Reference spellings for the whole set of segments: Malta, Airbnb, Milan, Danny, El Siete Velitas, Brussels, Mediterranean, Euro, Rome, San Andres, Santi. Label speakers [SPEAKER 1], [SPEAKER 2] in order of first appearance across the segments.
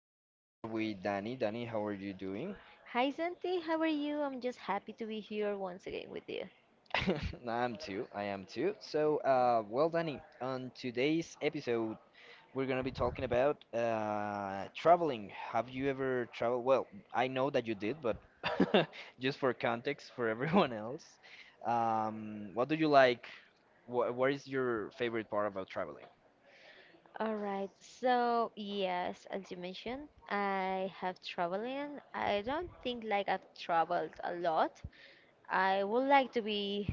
[SPEAKER 1] I'm here with Danny. Danny, how are you doing?
[SPEAKER 2] Hi Santi, how are you? I'm just happy to be here once again with you.
[SPEAKER 1] I'm too. I am too. So, well, Danny, on today's episode, we're gonna be talking about traveling. Have you ever traveled? Well, I know that you did, but just for context for everyone else, what do you like? Wh What is your favorite part about traveling?
[SPEAKER 2] All right, so yes, as you mentioned, I have traveling. I don't think like I've traveled a lot. I would like to be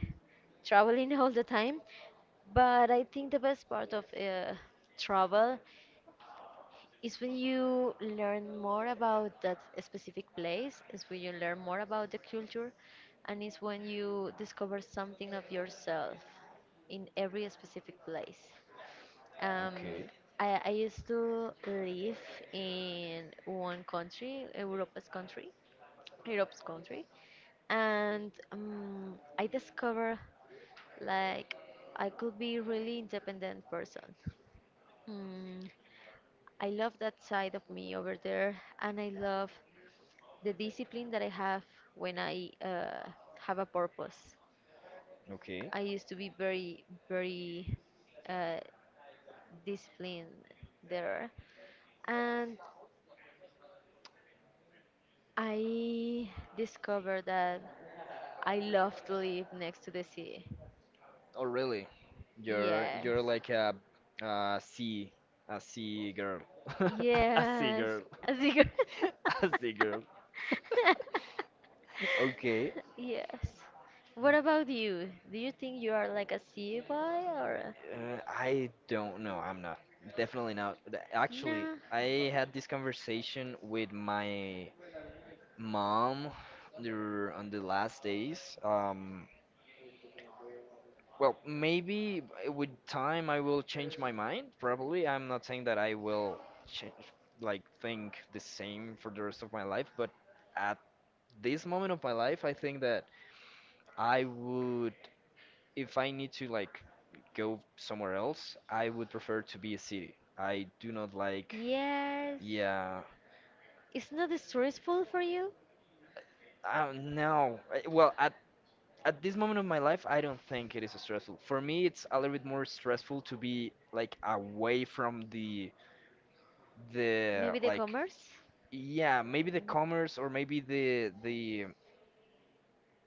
[SPEAKER 2] traveling all the time, but I think the best part of travel it's when you learn more about that specific place, it's when you learn more about the culture, and it's when you discover something of yourself in every specific place. Um,
[SPEAKER 1] Okay.
[SPEAKER 2] I used to live in one country, Europe's country, Europe's country, and I discovered like I could be really independent person. Hmm. I love that side of me over there, and I love the discipline that I have when I have a purpose.
[SPEAKER 1] Okay.
[SPEAKER 2] I used to be very, very uh, disciplined there, and I discovered that I love to live next to the sea.
[SPEAKER 1] Oh, really? You're
[SPEAKER 2] Yes.
[SPEAKER 1] like a sea a sea girl. A sea
[SPEAKER 2] Yes,
[SPEAKER 1] girl.
[SPEAKER 2] a cigarette.
[SPEAKER 1] A sea girl. Okay.
[SPEAKER 2] Yes. What about you? Do you think you are like a sea boy or a-?
[SPEAKER 1] I don't know. I'm not. Definitely not. Actually,
[SPEAKER 2] No?
[SPEAKER 1] I had this conversation with my mom on the last days. Well, maybe with time I will change my mind. Probably. I'm not saying that I will change, like, think the same for the rest of my life, but at this moment of my life, I think that I would, if I need to, like, go somewhere else, I would prefer to be a city. I do not like,
[SPEAKER 2] Yes.
[SPEAKER 1] yeah,
[SPEAKER 2] It's not stressful for you?
[SPEAKER 1] no. Well, at this moment of my life, I don't think it is stressful. For me, it's a little bit more stressful to be like away from the
[SPEAKER 2] Maybe the
[SPEAKER 1] like
[SPEAKER 2] commerce?
[SPEAKER 1] yeah, maybe the
[SPEAKER 2] Mm.
[SPEAKER 1] commerce, or maybe the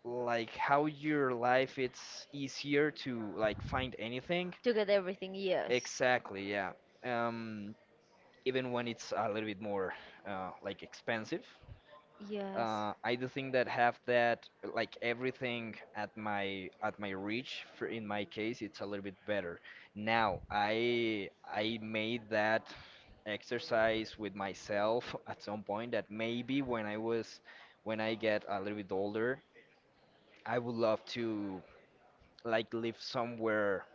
[SPEAKER 1] like how your life it's easier to like find anything
[SPEAKER 2] To get everything, yes.
[SPEAKER 1] exactly, yeah. um Even when it's a little bit more like expensive,
[SPEAKER 2] Yes.
[SPEAKER 1] I do think that have that like everything at my reach. For in my case, it's a little bit better. Now I made that exercise with myself at some point, that maybe when I was when I get a little bit older, I would love to like live somewhere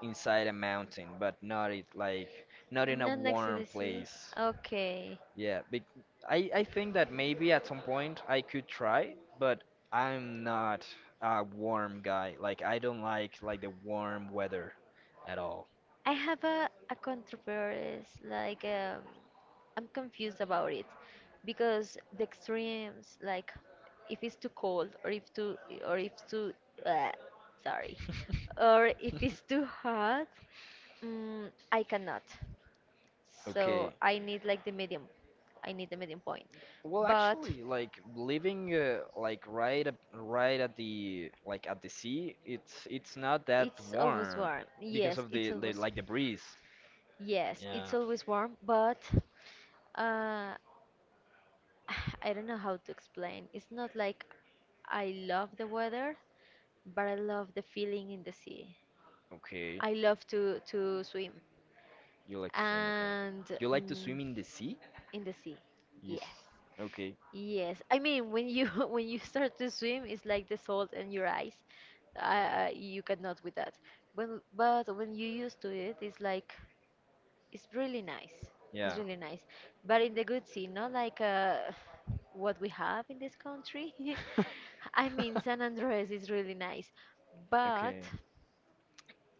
[SPEAKER 1] inside a mountain, but not it like not in a
[SPEAKER 2] Not next to
[SPEAKER 1] warm
[SPEAKER 2] the sea.
[SPEAKER 1] place.
[SPEAKER 2] Okay.
[SPEAKER 1] Yeah, bec I think that maybe at some point I could try, but I'm not a warm guy. Like I don't like the warm weather at all.
[SPEAKER 2] I have a controversy, like, I'm confused about it because the extremes, like, if it's too cold or if too, uh, sorry, or if it's too hot, mm, I cannot. So
[SPEAKER 1] Okay.
[SPEAKER 2] I need like the medium. I need the medium point.
[SPEAKER 1] Well,
[SPEAKER 2] But
[SPEAKER 1] actually, like living like right up, right at the like at the sea, it's not that
[SPEAKER 2] it's always
[SPEAKER 1] warm
[SPEAKER 2] warm.
[SPEAKER 1] because
[SPEAKER 2] Yes,
[SPEAKER 1] of the,
[SPEAKER 2] it's
[SPEAKER 1] the
[SPEAKER 2] always.
[SPEAKER 1] like the breeze.
[SPEAKER 2] Yes, it's
[SPEAKER 1] Yeah.
[SPEAKER 2] always warm, but uh, I don't know how to explain. It's not like I love the weather, but I love the feeling in the sea.
[SPEAKER 1] Okay.
[SPEAKER 2] I love to swim
[SPEAKER 1] You like to swim, okay.
[SPEAKER 2] and
[SPEAKER 1] You like to
[SPEAKER 2] mm,
[SPEAKER 1] swim in the sea?
[SPEAKER 2] in the sea.
[SPEAKER 1] Yes.
[SPEAKER 2] Yes.
[SPEAKER 1] Okay.
[SPEAKER 2] Yes. I mean, when you when you start to swim, it's like the salt in your eyes. You cannot with that. But but when you used to it, it's like it's really nice. It's
[SPEAKER 1] Yeah.
[SPEAKER 2] really nice. But in the good sea, not like what we have in this country. I mean, San Andres is really nice, but
[SPEAKER 1] Okay,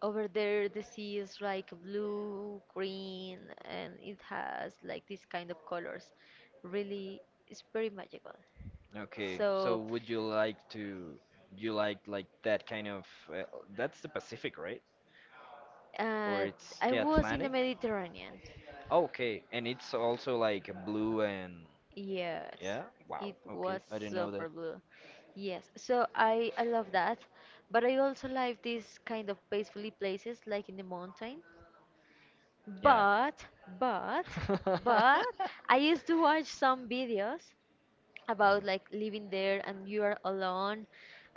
[SPEAKER 2] over there, the sea is like blue, green, and it has like these kind of colors. Really, it's very magical.
[SPEAKER 1] okay. So
[SPEAKER 2] So,
[SPEAKER 1] would you like to you like that kind of that's the Pacific, right? Or
[SPEAKER 2] uh,
[SPEAKER 1] it's
[SPEAKER 2] I
[SPEAKER 1] the
[SPEAKER 2] was in the
[SPEAKER 1] Atlantic?
[SPEAKER 2] Mediterranean.
[SPEAKER 1] Okay, and it's also like blue and
[SPEAKER 2] Yes,
[SPEAKER 1] yeah. Wow.
[SPEAKER 2] it
[SPEAKER 1] Okay,
[SPEAKER 2] was
[SPEAKER 1] I didn't know that.
[SPEAKER 2] super blue. Yes, so I love that, but I also like these kind of peacefully places like in the mountain.
[SPEAKER 1] Yeah.
[SPEAKER 2] But, but, but, I used to watch some videos about
[SPEAKER 1] Uh-huh.
[SPEAKER 2] like living there and you are alone,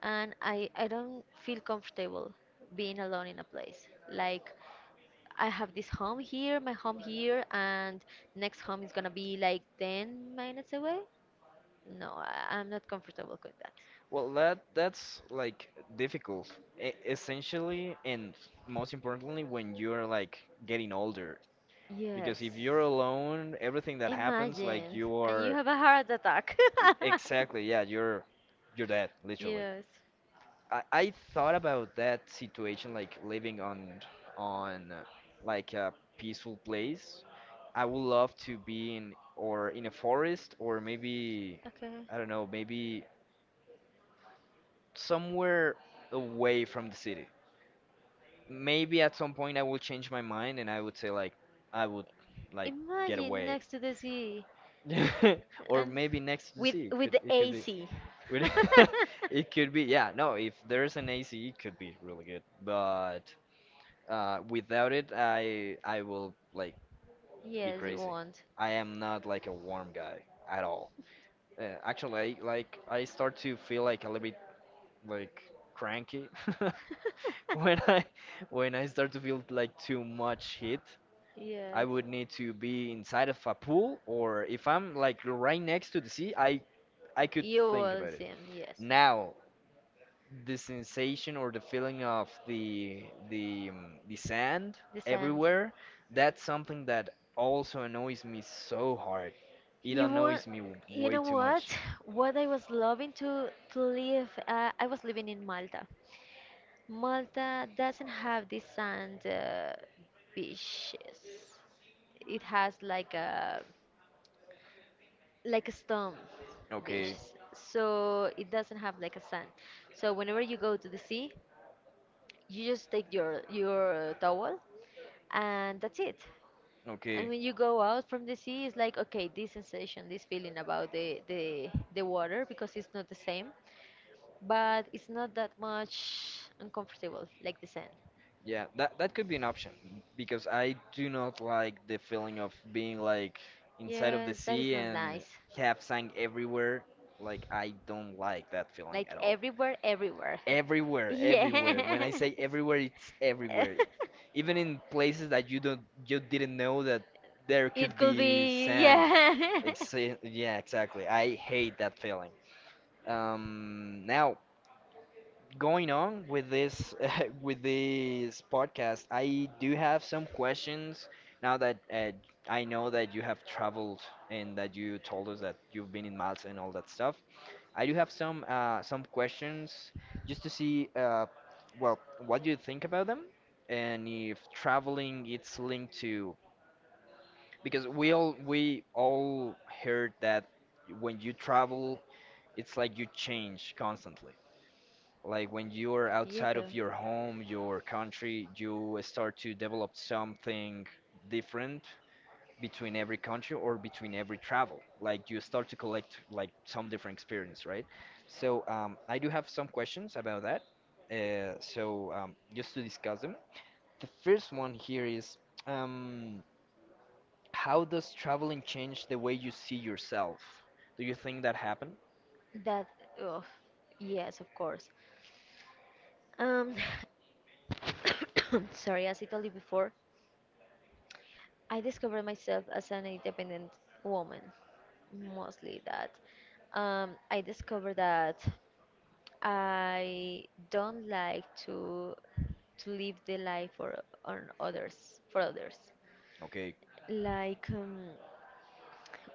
[SPEAKER 2] and I don't feel comfortable being alone in a place. Like I have this home here, my home here, and next home is gonna be like 10 minutes away. No, I'm not comfortable with that.
[SPEAKER 1] Well, that that's like difficult, essentially, and most importantly, when you're like getting older.
[SPEAKER 2] Yes.
[SPEAKER 1] Because if you're alone, everything that happens, like
[SPEAKER 2] Imagine,
[SPEAKER 1] you
[SPEAKER 2] and you
[SPEAKER 1] are
[SPEAKER 2] have a heart attack.
[SPEAKER 1] exactly, yeah, you're dead, literally.
[SPEAKER 2] Yes.
[SPEAKER 1] I thought about that situation, like living on like a peaceful place. I would love to be in or in a forest, or maybe
[SPEAKER 2] Okay.
[SPEAKER 1] I don't know, maybe somewhere away from the city, maybe at some point I will change my mind and I would say like I would like get
[SPEAKER 2] Imagine
[SPEAKER 1] away.
[SPEAKER 2] next to the sea
[SPEAKER 1] Or
[SPEAKER 2] and
[SPEAKER 1] maybe next to the
[SPEAKER 2] with
[SPEAKER 1] sea. It
[SPEAKER 2] with
[SPEAKER 1] could
[SPEAKER 2] the
[SPEAKER 1] be
[SPEAKER 2] AC.
[SPEAKER 1] with- it could be, yeah. No, if there's an AC it could be really good. But without it I will like be
[SPEAKER 2] Yes, you
[SPEAKER 1] crazy.
[SPEAKER 2] won't.
[SPEAKER 1] I am not like a warm guy at all. Actually like I start to feel like a little bit like cranky when I when I start to feel like too much heat. I
[SPEAKER 2] Yes.
[SPEAKER 1] would need to be inside of a pool, or if I'm like right next to the sea, I could
[SPEAKER 2] You
[SPEAKER 1] think
[SPEAKER 2] will
[SPEAKER 1] about it.
[SPEAKER 2] see him, yes.
[SPEAKER 1] Now, the sensation or the feeling of the the sand
[SPEAKER 2] The sand.
[SPEAKER 1] everywhere, that's something that also annoys me so hard. It
[SPEAKER 2] You want,
[SPEAKER 1] annoys me
[SPEAKER 2] you
[SPEAKER 1] way
[SPEAKER 2] know
[SPEAKER 1] too much.
[SPEAKER 2] what? What I was loving to live, I was living in Malta. Malta doesn't have these sand beaches. It has like a stone beach,
[SPEAKER 1] Okay,
[SPEAKER 2] so it doesn't have like a sand. So whenever you go to the sea, you just take your towel and that's it. And
[SPEAKER 1] okay.
[SPEAKER 2] when you go out from the sea, it's like okay, this sensation, this feeling about the water because it's not the same, but it's not that much uncomfortable like the sand.
[SPEAKER 1] Yeah, that that could be an option because I do not like the feeling of being like inside of the
[SPEAKER 2] Yes, that is
[SPEAKER 1] sea
[SPEAKER 2] not
[SPEAKER 1] and
[SPEAKER 2] nice.
[SPEAKER 1] have sand everywhere. Like I don't like that feeling
[SPEAKER 2] Like
[SPEAKER 1] at all.
[SPEAKER 2] everywhere, everywhere.
[SPEAKER 1] Everywhere,
[SPEAKER 2] Yeah.
[SPEAKER 1] everywhere. When I say everywhere, it's everywhere. Even in places that you didn't know that there could
[SPEAKER 2] It could
[SPEAKER 1] be
[SPEAKER 2] be,
[SPEAKER 1] sand.
[SPEAKER 2] yeah.
[SPEAKER 1] Exa- yeah, exactly. I hate that feeling. Now, going on with this with this podcast, I do have some questions now that I know that you have traveled and that you told us that you've been in Malta and all that stuff. I do have some questions just to see well, what do you think about them, and if traveling it's linked to because we all heard that when you travel it's like you change constantly, like when you are
[SPEAKER 2] You
[SPEAKER 1] outside
[SPEAKER 2] do.
[SPEAKER 1] of your home, your country, you start to develop something different between every country or between every travel. Like you start to collect like some different experience, right? So I do have some questions about that. So just to discuss them. The first one here is um, how does traveling change the way you see yourself? Do you think that happened?
[SPEAKER 2] That, oh, yes, of course. Um, sorry, as I told you before, I discovered myself as an independent woman, mostly that. I discovered that I don't like to live the life for on others for others.
[SPEAKER 1] Okay,
[SPEAKER 2] Like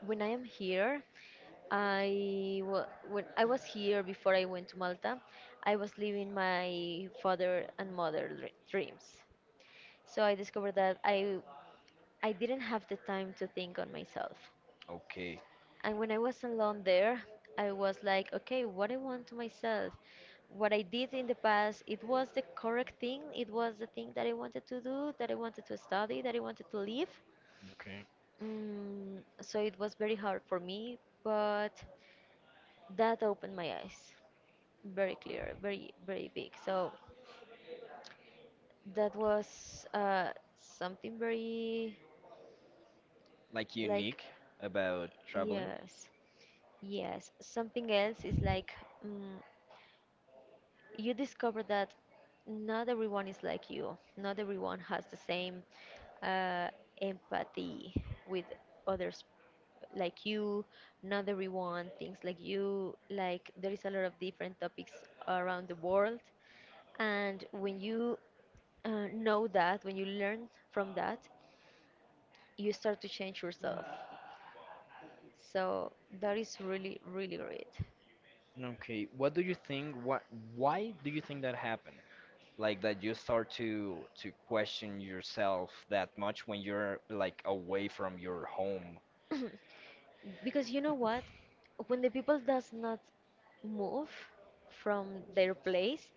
[SPEAKER 2] when I am here, when I was here before I went to Malta, I was living my father and mother dreams. So I discovered that I didn't have the time to think on myself.
[SPEAKER 1] okay.
[SPEAKER 2] And when I was alone there, I was like, okay, what I want to myself, what I did in the past, it was the correct thing, it was the thing that I wanted to do, that I wanted to study, that I wanted to live.
[SPEAKER 1] Okay.
[SPEAKER 2] Mm, so it was very hard for me, but that opened my eyes very clear, very, very big. So that was something very
[SPEAKER 1] Like
[SPEAKER 2] like,
[SPEAKER 1] unique about traveling?
[SPEAKER 2] yes. Yes, something else is like mm, you discover that not everyone is like you. Not everyone has the same uh, empathy with others like you. Not everyone thinks like you. Like there is a lot of different topics around the world, and when you know that, when you learn from that, you start to change yourself. So that is really, really great.
[SPEAKER 1] Okay, what do you think? What? Why do you think that happened? Like that you start to question yourself that much when you're like away from your home.
[SPEAKER 2] Because you know what? When the people does not move from their place,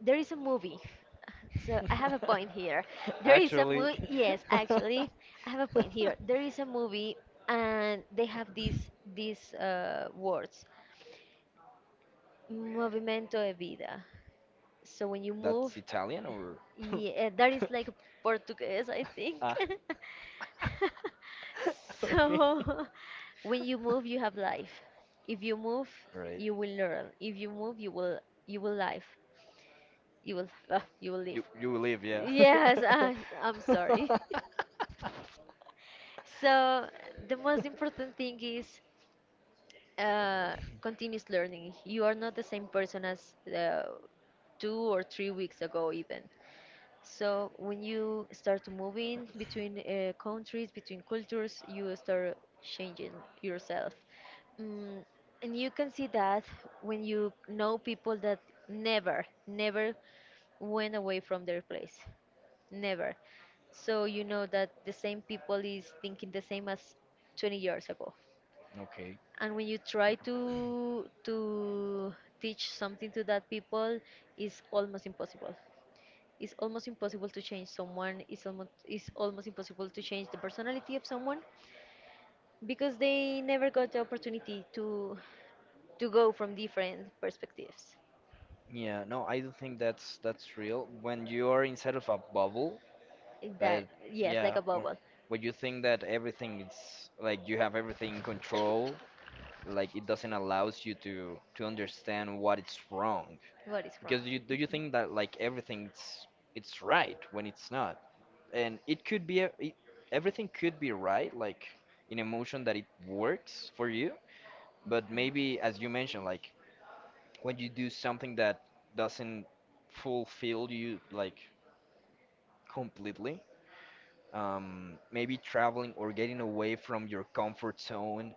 [SPEAKER 2] there is a movie. So I have a point here. There is a
[SPEAKER 1] Actually,
[SPEAKER 2] movie. Yes, actually, I have a point here. There is a movie, and they have these words: movimento de vida." So when you
[SPEAKER 1] that's
[SPEAKER 2] move,
[SPEAKER 1] Italian or?
[SPEAKER 2] yeah, that is like Portuguese, I think.
[SPEAKER 1] Ah, okay.
[SPEAKER 2] So when you move, you have life. If you move,
[SPEAKER 1] Right.
[SPEAKER 2] you will learn. If you move, you will live. You will you will live.
[SPEAKER 1] You live, yeah.
[SPEAKER 2] Yes, I'm sorry. So the most important thing is uh, continuous learning. You are not the same person as 2 or 3 weeks ago, even. So when you start moving between countries, between cultures, you start changing yourself. Mm, and you can see that when you know people that never, never went away from their place. Never. So you know that the same people is thinking the same as 20 years ago.
[SPEAKER 1] Okay.
[SPEAKER 2] And when you try to teach something to that people, it's almost impossible to change someone. It's almost impossible to change the personality of someone because they never got the opportunity to go from different perspectives.
[SPEAKER 1] Yeah, no, I do think that's real. When you are inside of a bubble,
[SPEAKER 2] That
[SPEAKER 1] that
[SPEAKER 2] yes, like
[SPEAKER 1] yeah,
[SPEAKER 2] a bubble.
[SPEAKER 1] when you think that everything is like you have everything in control, like it doesn't allows you to understand what it's wrong.
[SPEAKER 2] What is wrong?
[SPEAKER 1] Because you
[SPEAKER 2] Mhm.
[SPEAKER 1] think that like everything's it's right when it's not, and it could be everything could be right like in emotion that it works for you, but maybe as you mentioned, like when you do something that doesn't fulfill you like completely, maybe traveling or getting away from your comfort zone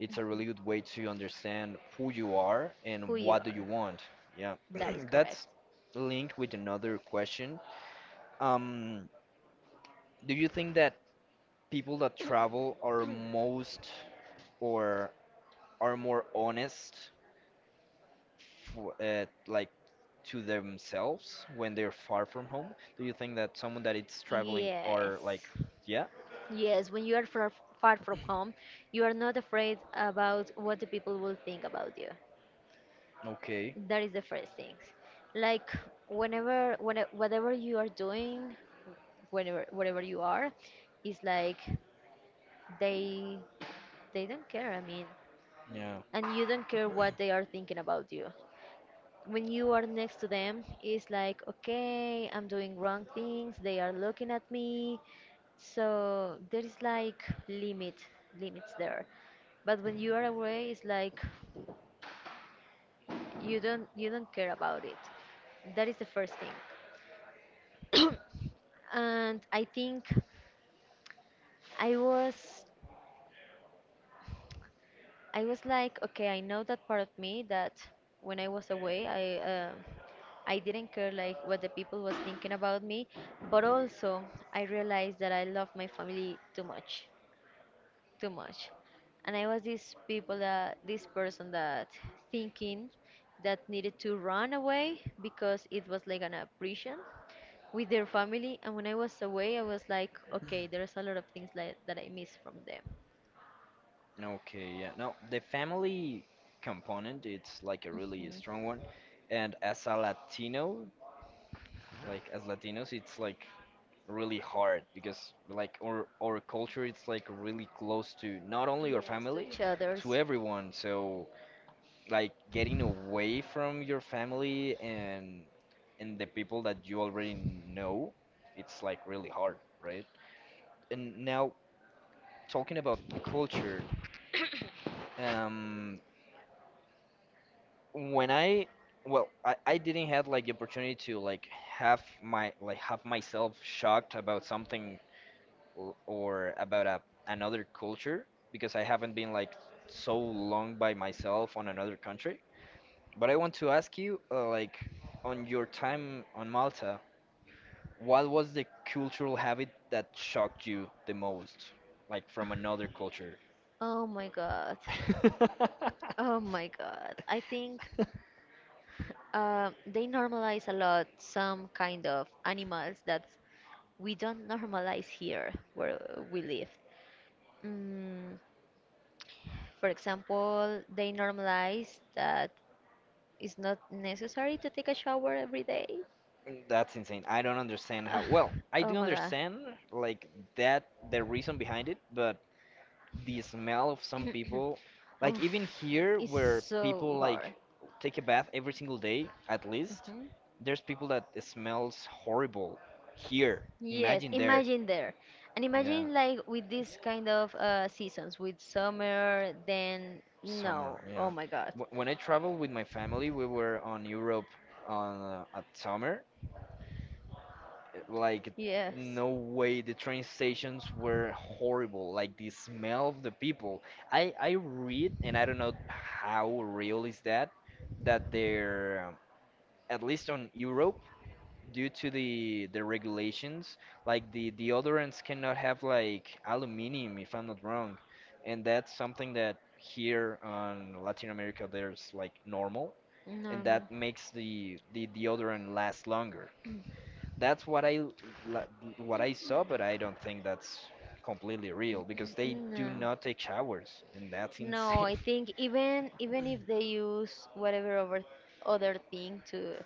[SPEAKER 1] it's a
[SPEAKER 2] Mhm.
[SPEAKER 1] really good way to understand who you are
[SPEAKER 2] Who
[SPEAKER 1] and
[SPEAKER 2] you
[SPEAKER 1] what do you
[SPEAKER 2] are.
[SPEAKER 1] want, yeah.
[SPEAKER 2] That is correct.
[SPEAKER 1] That's linked with another question. um, do you think that people that travel are most or are more honest for, like to themselves when they're far from home? Do you think that someone that it's traveling are like,
[SPEAKER 2] Yes.
[SPEAKER 1] yeah,
[SPEAKER 2] Yes, when you are far, far from home, you are not afraid about what the people will think about you.
[SPEAKER 1] okay,
[SPEAKER 2] That is the first thing. Like whatever you are doing, whenever, wherever you are, is like they, they don't care. I mean,
[SPEAKER 1] yeah.
[SPEAKER 2] and you don't care what they are thinking about you. When you are next to them, it's like okay, I'm doing wrong things, they are looking at me, so there is like limits there, but when you are away it's like you don't care about it. That is the first thing. And I think i was I was like, okay, I know that part of me that when I was away, I didn't care like what the people was thinking about me, but also I realized that I love my family too much, and I was this people that this person that thinking that needed to run away because it was like an oppression with their family, and when I was away, I was like, okay, there's a lot of things like that I miss from them.
[SPEAKER 1] Okay, yeah. No, the family component, it's like a really strong one. And as a Latino, like as Latinos, it's like really hard because like our culture it's like really close to not only your
[SPEAKER 2] Yes, to
[SPEAKER 1] family,
[SPEAKER 2] each
[SPEAKER 1] to
[SPEAKER 2] others.
[SPEAKER 1] everyone. So like getting away from your family and the people that you already know, it's like really hard, right? And now talking about culture, um when I well, I didn't have like the opportunity to like have my like have myself shocked about something or about another culture because I haven't been like so long by myself on another country. But I want to ask you like on your time on Malta, what was the cultural habit that shocked you the most, like from another culture?
[SPEAKER 2] Oh my God. Oh my God. I think they normalize a lot some kind of animals that we don't normalize here where we live. Mm, for example, they normalize that it's not necessary to take a shower every day.
[SPEAKER 1] Mm, that's insane. I don't understand
[SPEAKER 2] Ugh,
[SPEAKER 1] how. Well, I
[SPEAKER 2] oh
[SPEAKER 1] do
[SPEAKER 2] my god.
[SPEAKER 1] understand like that the reason behind it, but the smell of some people, like
[SPEAKER 2] Oof,
[SPEAKER 1] even here
[SPEAKER 2] it's
[SPEAKER 1] where
[SPEAKER 2] so
[SPEAKER 1] people like
[SPEAKER 2] hard.
[SPEAKER 1] take a bath every single day at least,
[SPEAKER 2] Hmm.
[SPEAKER 1] there's people that it smells horrible here.
[SPEAKER 2] Yes,
[SPEAKER 1] Imagine there.
[SPEAKER 2] imagine there. And
[SPEAKER 1] Yeah,
[SPEAKER 2] imagine like with this kind of seasons, with summer, then
[SPEAKER 1] summer.
[SPEAKER 2] no.
[SPEAKER 1] Yeah.
[SPEAKER 2] Oh my god.
[SPEAKER 1] Wh- When I traveled with my family, we were on Europe on at summer, like
[SPEAKER 2] Yes.
[SPEAKER 1] no way, the train stations were horrible, like the smell of the people. I read, and I don't know how real is that, that they're at least on Europe, due to the regulations, like the deodorants cannot have like aluminum, if I'm not wrong. And that's something that here on Latin America there's like normal, and
[SPEAKER 2] Normal.
[SPEAKER 1] that makes the deodorant last longer. That's what I la- what I saw, but I don't think that's completely real because they do
[SPEAKER 2] No.
[SPEAKER 1] not take showers, and that's
[SPEAKER 2] No,
[SPEAKER 1] insane.
[SPEAKER 2] I think even if they use whatever over other thing to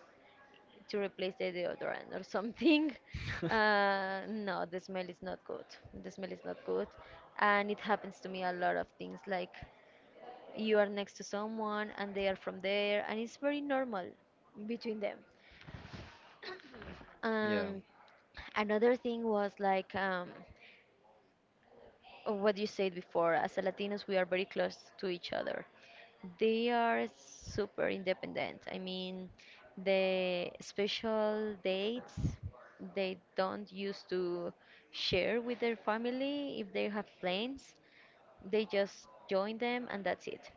[SPEAKER 2] to replace the deodorant or something, no, the smell is not good. The smell is not good, and it happens to me a lot of things. Like you are next to someone and they are from there, and it's very normal between them.
[SPEAKER 1] Yeah.
[SPEAKER 2] And another thing was like. Of what you said before, as a Latinos, we are very close to each other. They are super independent. I mean, the special dates they don't used to share with their family if they have plans. They just join them and that's it.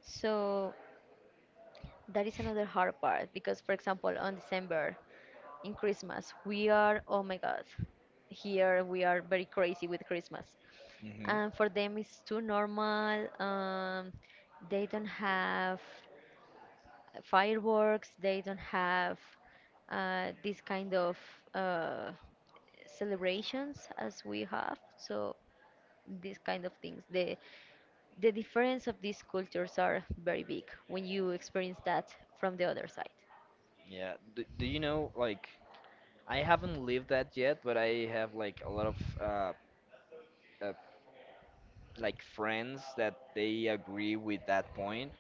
[SPEAKER 2] So that is another hard part because, for example, on December, in Christmas, we are, oh my God, here we are very crazy with Christmas.
[SPEAKER 1] Hmm.
[SPEAKER 2] And for them, it's too normal. They don't have fireworks, they don't have this kind of uh, celebrations as we have. So these kind of things. The difference of these cultures are very big when you experience that from the other side.
[SPEAKER 1] Yeah. D- do you know like I haven't lived that yet, but I have like a lot of uh like friends that they agree with that point.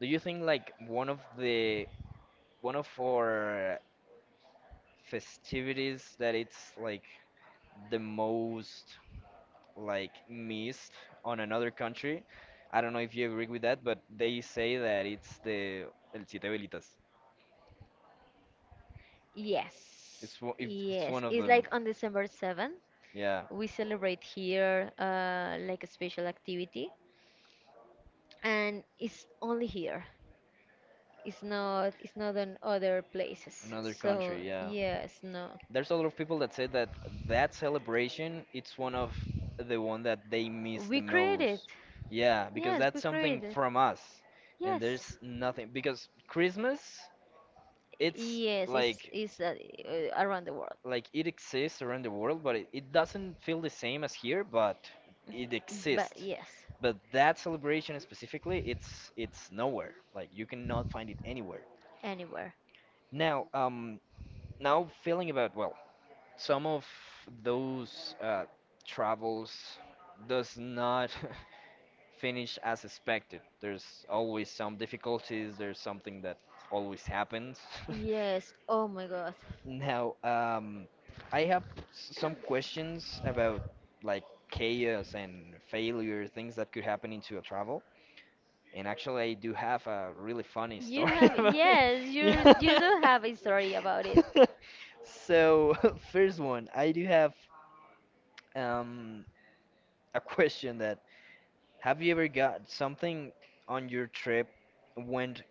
[SPEAKER 1] Do you think like one of the one of our festivities that it's like the most like missed on another country? I don't know if you agree with that, but they say that it's the El Siete Velitas.
[SPEAKER 2] Yes,
[SPEAKER 1] It's wo- if it's
[SPEAKER 2] yes.
[SPEAKER 1] one of
[SPEAKER 2] It's
[SPEAKER 1] them.
[SPEAKER 2] like on December 7th,
[SPEAKER 1] Yeah,
[SPEAKER 2] we celebrate here like a special activity, and it's only here. It's not. It's not on other places.
[SPEAKER 1] another country.
[SPEAKER 2] So
[SPEAKER 1] Yeah,
[SPEAKER 2] yes, no.
[SPEAKER 1] there's a lot of people that say that that celebration it's one of the one that they miss the
[SPEAKER 2] We created.
[SPEAKER 1] most. Yeah, because
[SPEAKER 2] Yes,
[SPEAKER 1] that's
[SPEAKER 2] we
[SPEAKER 1] something
[SPEAKER 2] created.
[SPEAKER 1] from us, and
[SPEAKER 2] Yes.
[SPEAKER 1] there's nothing because Christmas it's
[SPEAKER 2] Yes, it's
[SPEAKER 1] like.
[SPEAKER 2] it's uh, uh, around the world.
[SPEAKER 1] Like it exists around the world, but it doesn't feel the same as here, but it
[SPEAKER 2] But
[SPEAKER 1] exists.
[SPEAKER 2] yes,
[SPEAKER 1] But that celebration specifically, it's nowhere. Like you cannot find it anywhere.
[SPEAKER 2] anywhere.
[SPEAKER 1] Now, now feeling about well, some of those travels does not finish as expected. There's always some difficulties. There's something that always happens.
[SPEAKER 2] Yes. Oh my God.
[SPEAKER 1] Now, I have some questions about like chaos and failure, things that could happen into a travel. And actually, I do have a really funny
[SPEAKER 2] You
[SPEAKER 1] story
[SPEAKER 2] have
[SPEAKER 1] about it.
[SPEAKER 2] yes, you
[SPEAKER 1] Yeah.
[SPEAKER 2] do have a story about it.
[SPEAKER 1] So, first one, I do have um, a question that have you ever got something on your trip went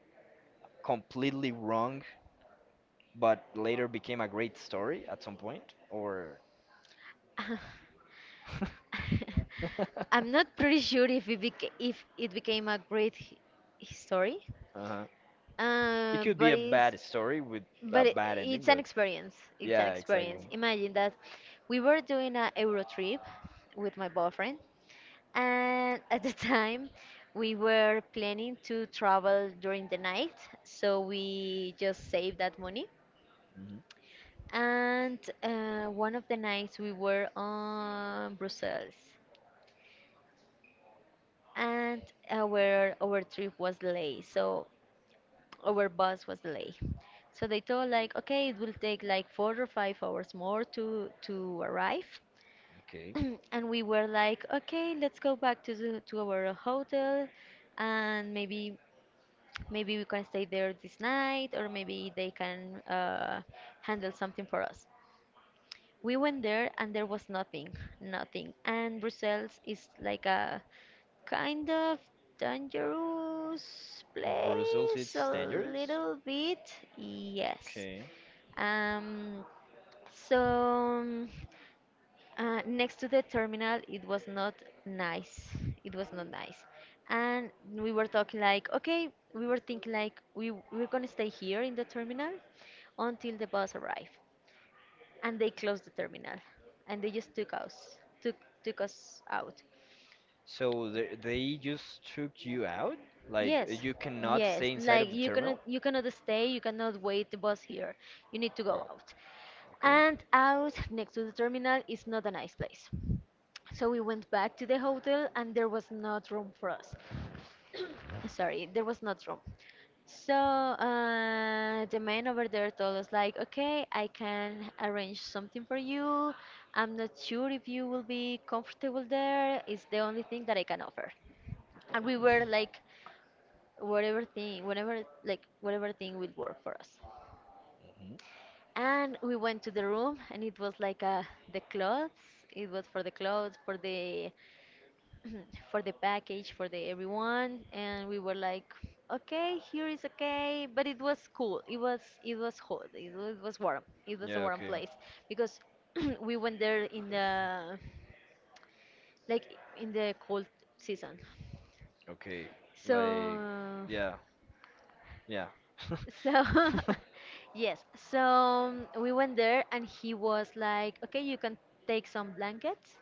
[SPEAKER 1] completely wrong, but later became a great story at some point? Or
[SPEAKER 2] I'm not pretty sure if it beca- if it became a great hi- story,
[SPEAKER 1] Uh-huh. It
[SPEAKER 2] uh,
[SPEAKER 1] could be
[SPEAKER 2] but
[SPEAKER 1] a
[SPEAKER 2] it's
[SPEAKER 1] bad story with a
[SPEAKER 2] But it,
[SPEAKER 1] bad ending,
[SPEAKER 2] it's an
[SPEAKER 1] but
[SPEAKER 2] experience. It's an
[SPEAKER 1] yeah,
[SPEAKER 2] experience.
[SPEAKER 1] exactly.
[SPEAKER 2] Imagine that we were doing a Euro trip with my boyfriend, and at the time we were planning to travel during the night, so we just saved that money.
[SPEAKER 1] Hmm.
[SPEAKER 2] And one of the nights we were on Brussels, and our trip was delayed, so our bus was delayed. So they told like, okay, it will take like 4 or 5 hours more to arrive.
[SPEAKER 1] Okay.
[SPEAKER 2] And we were like, okay, let's go back to our hotel and maybe we can stay there this night or maybe they can handle something for us. We went there and there was nothing, nothing. And Brussels is like a kind of dangerous
[SPEAKER 1] Brussels,
[SPEAKER 2] place
[SPEAKER 1] it's
[SPEAKER 2] a
[SPEAKER 1] dangerous.
[SPEAKER 2] little bit. Yes.
[SPEAKER 1] Okay.
[SPEAKER 2] um so um, Next to the terminal it was not nice, it was not nice, and we were talking like, okay, we were thinking like we're gonna stay here in the terminal until the bus arrived, and they closed the terminal, and they just took us out.
[SPEAKER 1] So they just took you out? Like
[SPEAKER 2] Yes,
[SPEAKER 1] you cannot
[SPEAKER 2] yes.
[SPEAKER 1] stay inside
[SPEAKER 2] Like
[SPEAKER 1] of the terminal?
[SPEAKER 2] you cannot stay. You cannot wait the bus here. You need to go
[SPEAKER 1] Wow.
[SPEAKER 2] out.
[SPEAKER 1] Okay.
[SPEAKER 2] And out next to the terminal is not a nice place. So we went back to the hotel, and there was not room for us. Sorry, there was not room. So the man over there told us like, okay, I can arrange something for you. I'm not sure if you will be comfortable there. It's the only thing that I can offer. And we were like, whatever thing will work for us.
[SPEAKER 1] Hmm.
[SPEAKER 2] And we went to the room, and it was like the clothes. It was for the clothes, for the for the package, for the everyone. And we were like, okay, here is okay. But it was cool. It was, it was hot. It was warm. It was a
[SPEAKER 1] Yeah,
[SPEAKER 2] warm
[SPEAKER 1] okay.
[SPEAKER 2] place because we went there in the like in the cold season.
[SPEAKER 1] Okay. Like
[SPEAKER 2] So
[SPEAKER 1] yeah, yeah.
[SPEAKER 2] so, yes, so we went there and he was like, okay, you can take some blankets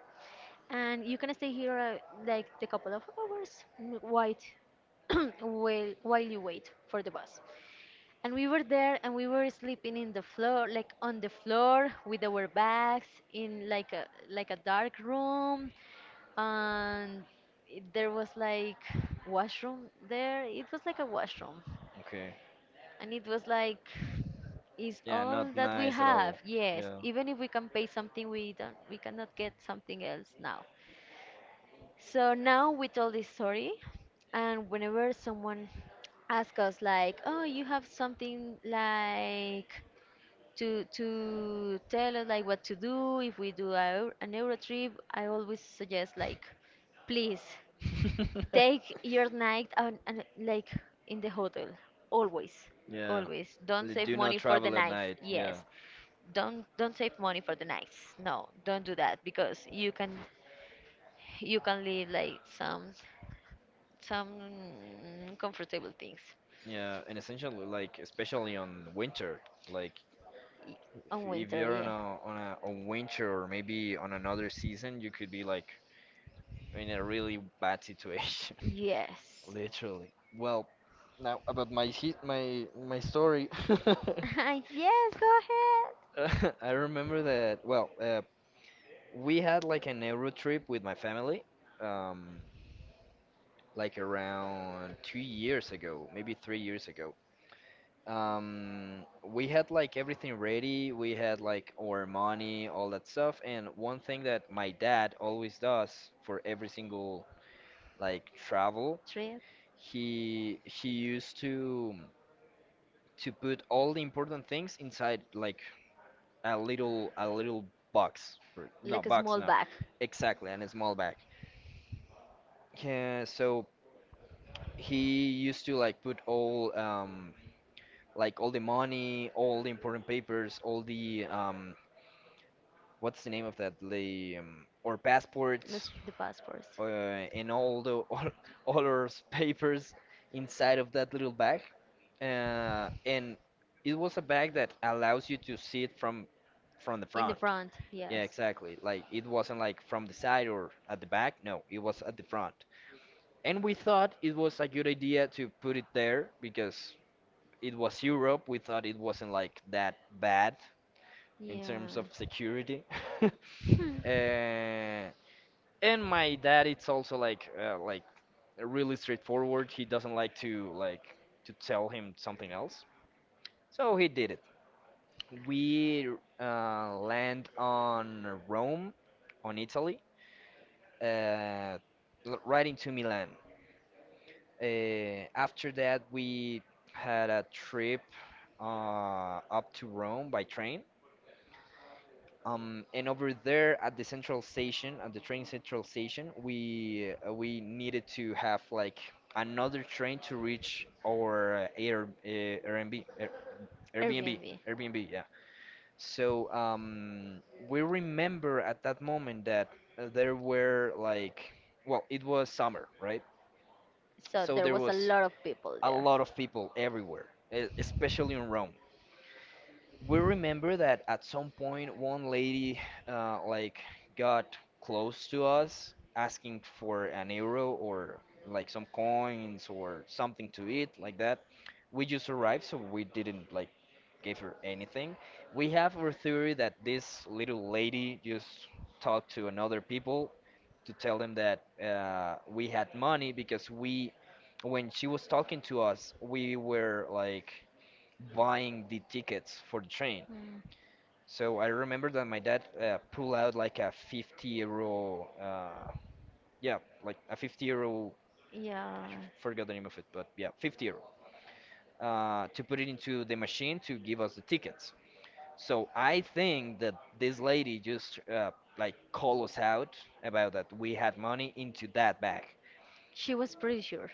[SPEAKER 2] and you can stay here like the couple of hours while you wait for the bus. And we were there and we were sleeping in the floor, like on the floor with our bags in like a dark room, and it- there was like washroom there. It was like a washroom,
[SPEAKER 1] Okay.
[SPEAKER 2] and it was like, is
[SPEAKER 1] Yeah,
[SPEAKER 2] all
[SPEAKER 1] not
[SPEAKER 2] that we
[SPEAKER 1] nice at
[SPEAKER 2] have.
[SPEAKER 1] all.
[SPEAKER 2] Yes,
[SPEAKER 1] Yeah.
[SPEAKER 2] even if we can pay something, we cannot get something else now. So now we told this story, and whenever someone asks us like, oh, you have something like to tell us like what to do if we do a, eu- an Euro trip, I always suggest like, please take your night on like in the hotel. Always.
[SPEAKER 1] Yeah.
[SPEAKER 2] Always. Don't save
[SPEAKER 1] Do not
[SPEAKER 2] money for the
[SPEAKER 1] travel at
[SPEAKER 2] nights.
[SPEAKER 1] night. Yeah.
[SPEAKER 2] Yes. Don't save money for the nights. No, don't do that because you can leave like some comfortable things.
[SPEAKER 1] Yeah. And essentially, like, especially on winter, like,
[SPEAKER 2] Y- On
[SPEAKER 1] if
[SPEAKER 2] winter,
[SPEAKER 1] you're on
[SPEAKER 2] yeah.
[SPEAKER 1] a on winter or maybe on another season, you could be like in a really bad situation.
[SPEAKER 2] Yes.
[SPEAKER 1] Literally. Well, now about my my story.
[SPEAKER 2] Yes, go ahead.
[SPEAKER 1] I remember that. Well, we had like an Euro trip with my family, um, like around 2 years ago, maybe 3 years ago. We had like everything ready. We had like our money, all that stuff. And one thing that my dad always does for every single like travel,
[SPEAKER 2] Trip.
[SPEAKER 1] he used to put all the important things inside like a little box no
[SPEAKER 2] Like a
[SPEAKER 1] box,
[SPEAKER 2] small
[SPEAKER 1] no.
[SPEAKER 2] bag.
[SPEAKER 1] Exactly, and a small bag. Yeah, so he used to like put all like all the money, all the important papers, all the what's the name of that? The or passports?
[SPEAKER 2] Just the passports.
[SPEAKER 1] uh, and all the all our papers inside of that little bag, and it was a bag that allows you to see it from the
[SPEAKER 2] In the
[SPEAKER 1] front.
[SPEAKER 2] front,
[SPEAKER 1] Yeah,
[SPEAKER 2] yes.
[SPEAKER 1] exactly. Like it wasn't like from the side or at the back. No, it was at the front. And we thought it was a good idea to put it there because it was Europe. We thought it wasn't like that bad in terms
[SPEAKER 2] Yeah.
[SPEAKER 1] of security.
[SPEAKER 2] Hmm.
[SPEAKER 1] Uh, and my dad it's also like really straightforward. He doesn't like to tell him something else, so he did it. We land on Rome, on Italy, uh, right into Milan. After that, we had a trip up to Rome by train. And over there at the central station, at the train central station, we needed to have like another train to reach our Air, Airbnb, Airbnb,
[SPEAKER 2] Airbnb.
[SPEAKER 1] Airbnb, yeah. So we remember at that moment that there were like, well, it was summer, right?
[SPEAKER 2] So
[SPEAKER 1] So
[SPEAKER 2] there
[SPEAKER 1] there
[SPEAKER 2] was a
[SPEAKER 1] was
[SPEAKER 2] lot of people
[SPEAKER 1] a
[SPEAKER 2] there.
[SPEAKER 1] lot of people everywhere, especially in Rome. We remember that at some point one lady like got close to us asking for an euro or like some coins or something to eat like that. We just arrived, so we didn't like give her anything. We have our theory that this little lady just talked to another people to tell them that we had money because we when she was talking to us we were like buying the tickets for the train.
[SPEAKER 2] Mm,
[SPEAKER 1] So I remember that my dad pulled out like a 50 euro, yeah, like a 50 euro, I
[SPEAKER 2] yeah,
[SPEAKER 1] forgot the name of it, but yeah, 50 euro, to put it into the machine to give us the tickets. So I think that this lady just like called us out about that we had money into that bag.
[SPEAKER 2] she was pretty sure.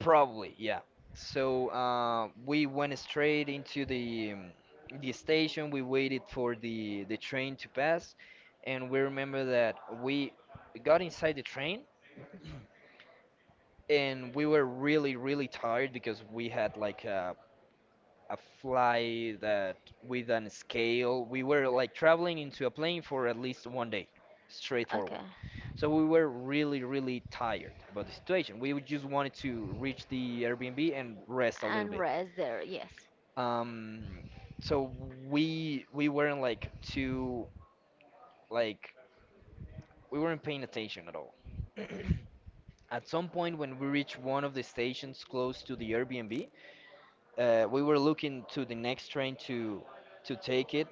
[SPEAKER 1] Probably, yeah. So we went straight into the station. We waited for the train to pass, and we remember that we got inside the train and we were really really tired because we had like a fly that with an scale. We were like traveling into a plane for at least 1 day,
[SPEAKER 2] Okay.
[SPEAKER 1] straightforward. So we were really really tired about the situation. We would just wanted to reach the Airbnb and rest a little
[SPEAKER 2] And
[SPEAKER 1] bit.
[SPEAKER 2] rest there, yes.
[SPEAKER 1] Um, so we weren't like too like we weren't paying attention at all. At some point, when we reached one of the stations close to the Airbnb, we were looking to the next train to take it,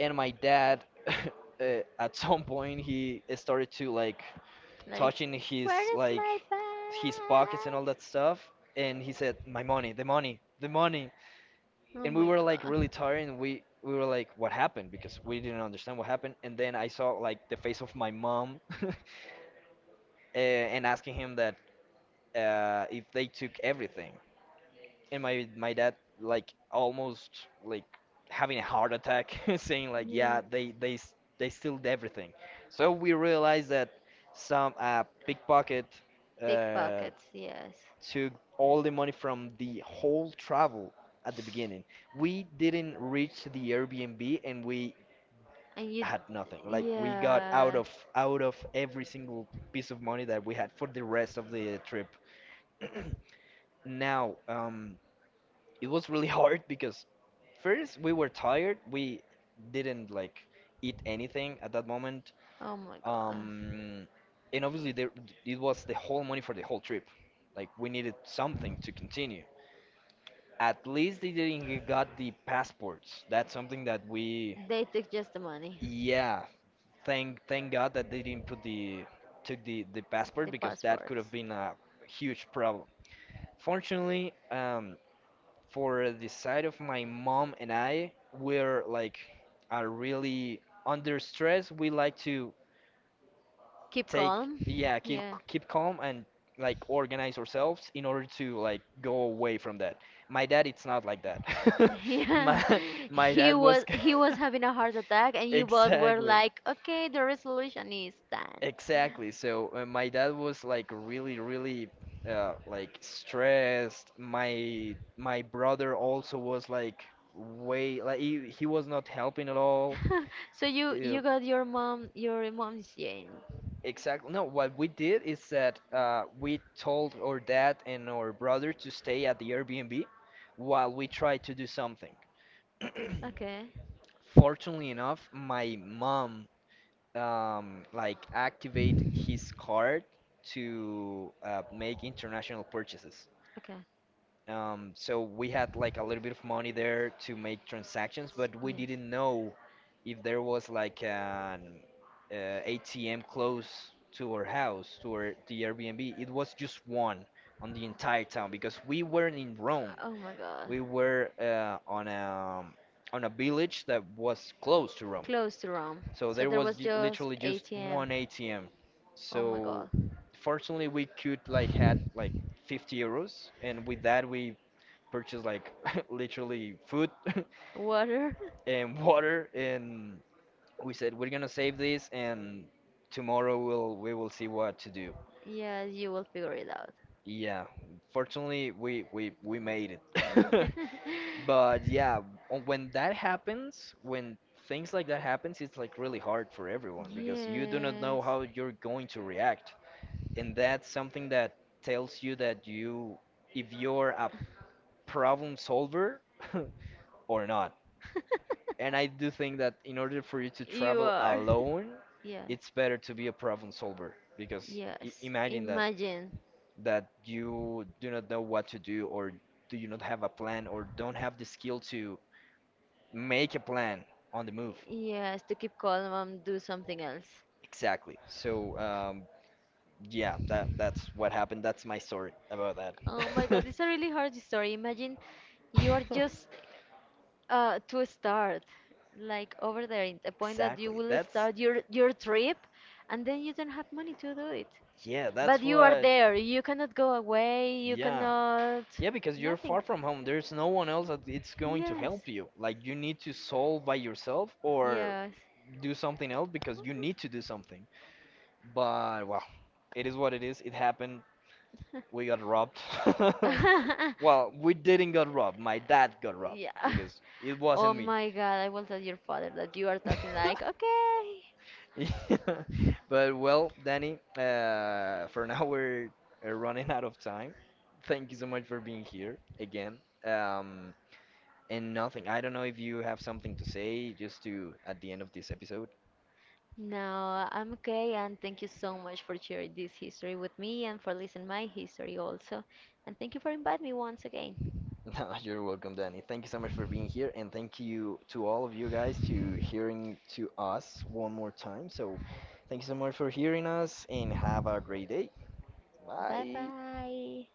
[SPEAKER 1] and my dad, at some point, he started to like
[SPEAKER 2] Like,
[SPEAKER 1] touching his
[SPEAKER 2] where is
[SPEAKER 1] like
[SPEAKER 2] my
[SPEAKER 1] his pockets and all
[SPEAKER 2] bag?
[SPEAKER 1] that stuff, and he said, "My money, the money, the money,"
[SPEAKER 2] Oh
[SPEAKER 1] and we
[SPEAKER 2] my
[SPEAKER 1] were like really
[SPEAKER 2] god.
[SPEAKER 1] tired and we were like what happened because we didn't understand what happened. And then I saw like the face of my mom. uh, and asking him that if they took everything. And my dad, like almost like having a heart attack, saying like
[SPEAKER 2] Yeah.
[SPEAKER 1] yeah they they stealed everything. So we realized that some pickpocket uh,
[SPEAKER 2] Pickpockets, yes.
[SPEAKER 1] took all the money from the whole travel at the beginning. We didn't reach the Airbnb and we
[SPEAKER 2] And you,
[SPEAKER 1] had nothing. Like we got
[SPEAKER 2] yes.
[SPEAKER 1] out of every single piece of money that we had for the rest of the trip. Now, it was really hard because first we were tired. We didn't like eat anything at that moment.
[SPEAKER 2] Oh my God.
[SPEAKER 1] Um, and obviously there, it was the whole money for the whole trip. Like we needed something to continue. At least they didn't got the passports. That's something that we,
[SPEAKER 2] They took just the money,
[SPEAKER 1] yeah, thank God that they didn't put the took the passport
[SPEAKER 2] the
[SPEAKER 1] because that could have
[SPEAKER 2] passports.
[SPEAKER 1] been a huge problem. Fortunately, for the side of my mom and I, we're like are really under stress. We like to
[SPEAKER 2] Keep
[SPEAKER 1] take,
[SPEAKER 2] calm.
[SPEAKER 1] yeah,
[SPEAKER 2] Yeah.
[SPEAKER 1] keep calm and like organize ourselves in order to like go away from that. My dad it's not like that.
[SPEAKER 2] Yeah,
[SPEAKER 1] my my dad was
[SPEAKER 2] he was having a heart attack, and you both were
[SPEAKER 1] exactly
[SPEAKER 2] like, "Okay, the resolution is done."
[SPEAKER 1] exactly. So my dad was like really really like stressed. My brother also was like way like he was not helping at all.
[SPEAKER 2] So you
[SPEAKER 1] Yeah.
[SPEAKER 2] you got your mom your mom's gene.
[SPEAKER 1] Exactly. No, what we did is that we told our dad and our brother to stay at the Airbnb while we tried to do something.
[SPEAKER 2] Okay.
[SPEAKER 1] Fortunately enough, my mom like activate his card to make international purchases.
[SPEAKER 2] Okay. S-
[SPEAKER 1] So we had like a little bit of money there to make transactions, but we
[SPEAKER 2] yes.
[SPEAKER 1] didn't know if there was like an uh, ATM close to our house, to our the Airbnb. It was just one on the entire town because we weren't in Rome.
[SPEAKER 2] Oh my god.
[SPEAKER 1] We were on a village that was close to Rome.
[SPEAKER 2] Close to Rome.
[SPEAKER 1] So
[SPEAKER 2] So
[SPEAKER 1] there
[SPEAKER 2] there
[SPEAKER 1] was
[SPEAKER 2] was just
[SPEAKER 1] literally just
[SPEAKER 2] ATM.
[SPEAKER 1] one ATM.
[SPEAKER 2] Oh my
[SPEAKER 1] So
[SPEAKER 2] god.
[SPEAKER 1] fortunately we could like had like 50 euros and with that we purchased like literally food
[SPEAKER 2] Water.
[SPEAKER 1] and water. And we said we're gonna save this and tomorrow we will see what to do.
[SPEAKER 2] Yes, you will figure it out.
[SPEAKER 1] Yeah, fortunately we made
[SPEAKER 2] You-
[SPEAKER 1] it. But yeah, when that happens, when things like that happens, it's like really hard for everyone because you do not know
[SPEAKER 2] yes.
[SPEAKER 1] how you're going to react. And that's something that tells you that you if you're a problem solver or not. And I do think that in order for you to
[SPEAKER 2] You
[SPEAKER 1] travel
[SPEAKER 2] are.
[SPEAKER 1] alone,
[SPEAKER 2] Yes.
[SPEAKER 1] it's better to be a problem solver because I
[SPEAKER 2] Yes.
[SPEAKER 1] imagine that
[SPEAKER 2] Imagine.
[SPEAKER 1] you do not know what to do, or do you not have a plan or don't have the skill to make a plan on the move.
[SPEAKER 2] Yes, to keep calm and do something else.
[SPEAKER 1] Exactly. So yeah, that's what happened. That's my story about
[SPEAKER 2] Oh my
[SPEAKER 1] that.
[SPEAKER 2] god, it's a really hard story. Imagine you are just to start like over there in the point that you
[SPEAKER 1] Exactly.
[SPEAKER 2] will
[SPEAKER 1] That's
[SPEAKER 2] start your trip, and then you don't have money to do it,
[SPEAKER 1] yeah,
[SPEAKER 2] but
[SPEAKER 1] that's
[SPEAKER 2] you are
[SPEAKER 1] what.
[SPEAKER 2] there, you cannot go away, you
[SPEAKER 1] Yeah.
[SPEAKER 2] cannot,
[SPEAKER 1] Yeah, because you're
[SPEAKER 2] nothing.
[SPEAKER 1] far from home. There's no one else that it's going to
[SPEAKER 2] Yes.
[SPEAKER 1] help you. Like you need to solve by yourself or
[SPEAKER 2] Yes.
[SPEAKER 1] do something else because you need to do something. But well, it is what it is. It happened. We got robbed.
[SPEAKER 2] Yeah.
[SPEAKER 1] Well, we didn't got robbed. My dad got robbed because it
[SPEAKER 2] Oh
[SPEAKER 1] wasn't me.
[SPEAKER 2] my god, I will tell your father that you are talking like okay.
[SPEAKER 1] Yeah. But well, Danny, for now we're running out of time. Thank you so much for being here again. Um, And nothing. I don't know if you have something to say just to at the end of this episode.
[SPEAKER 2] No, I'm okay, and thank you so much for sharing this history with me and for listening my history also. And thank you for inviting me once again.
[SPEAKER 1] No, you're welcome, Danny. Thank you so much for being here, and thank you to all of you guys to hearing to us one more time. So, thank you so much for hearing us, and have a great day.
[SPEAKER 2] Bye
[SPEAKER 1] Bye.
[SPEAKER 2] bye.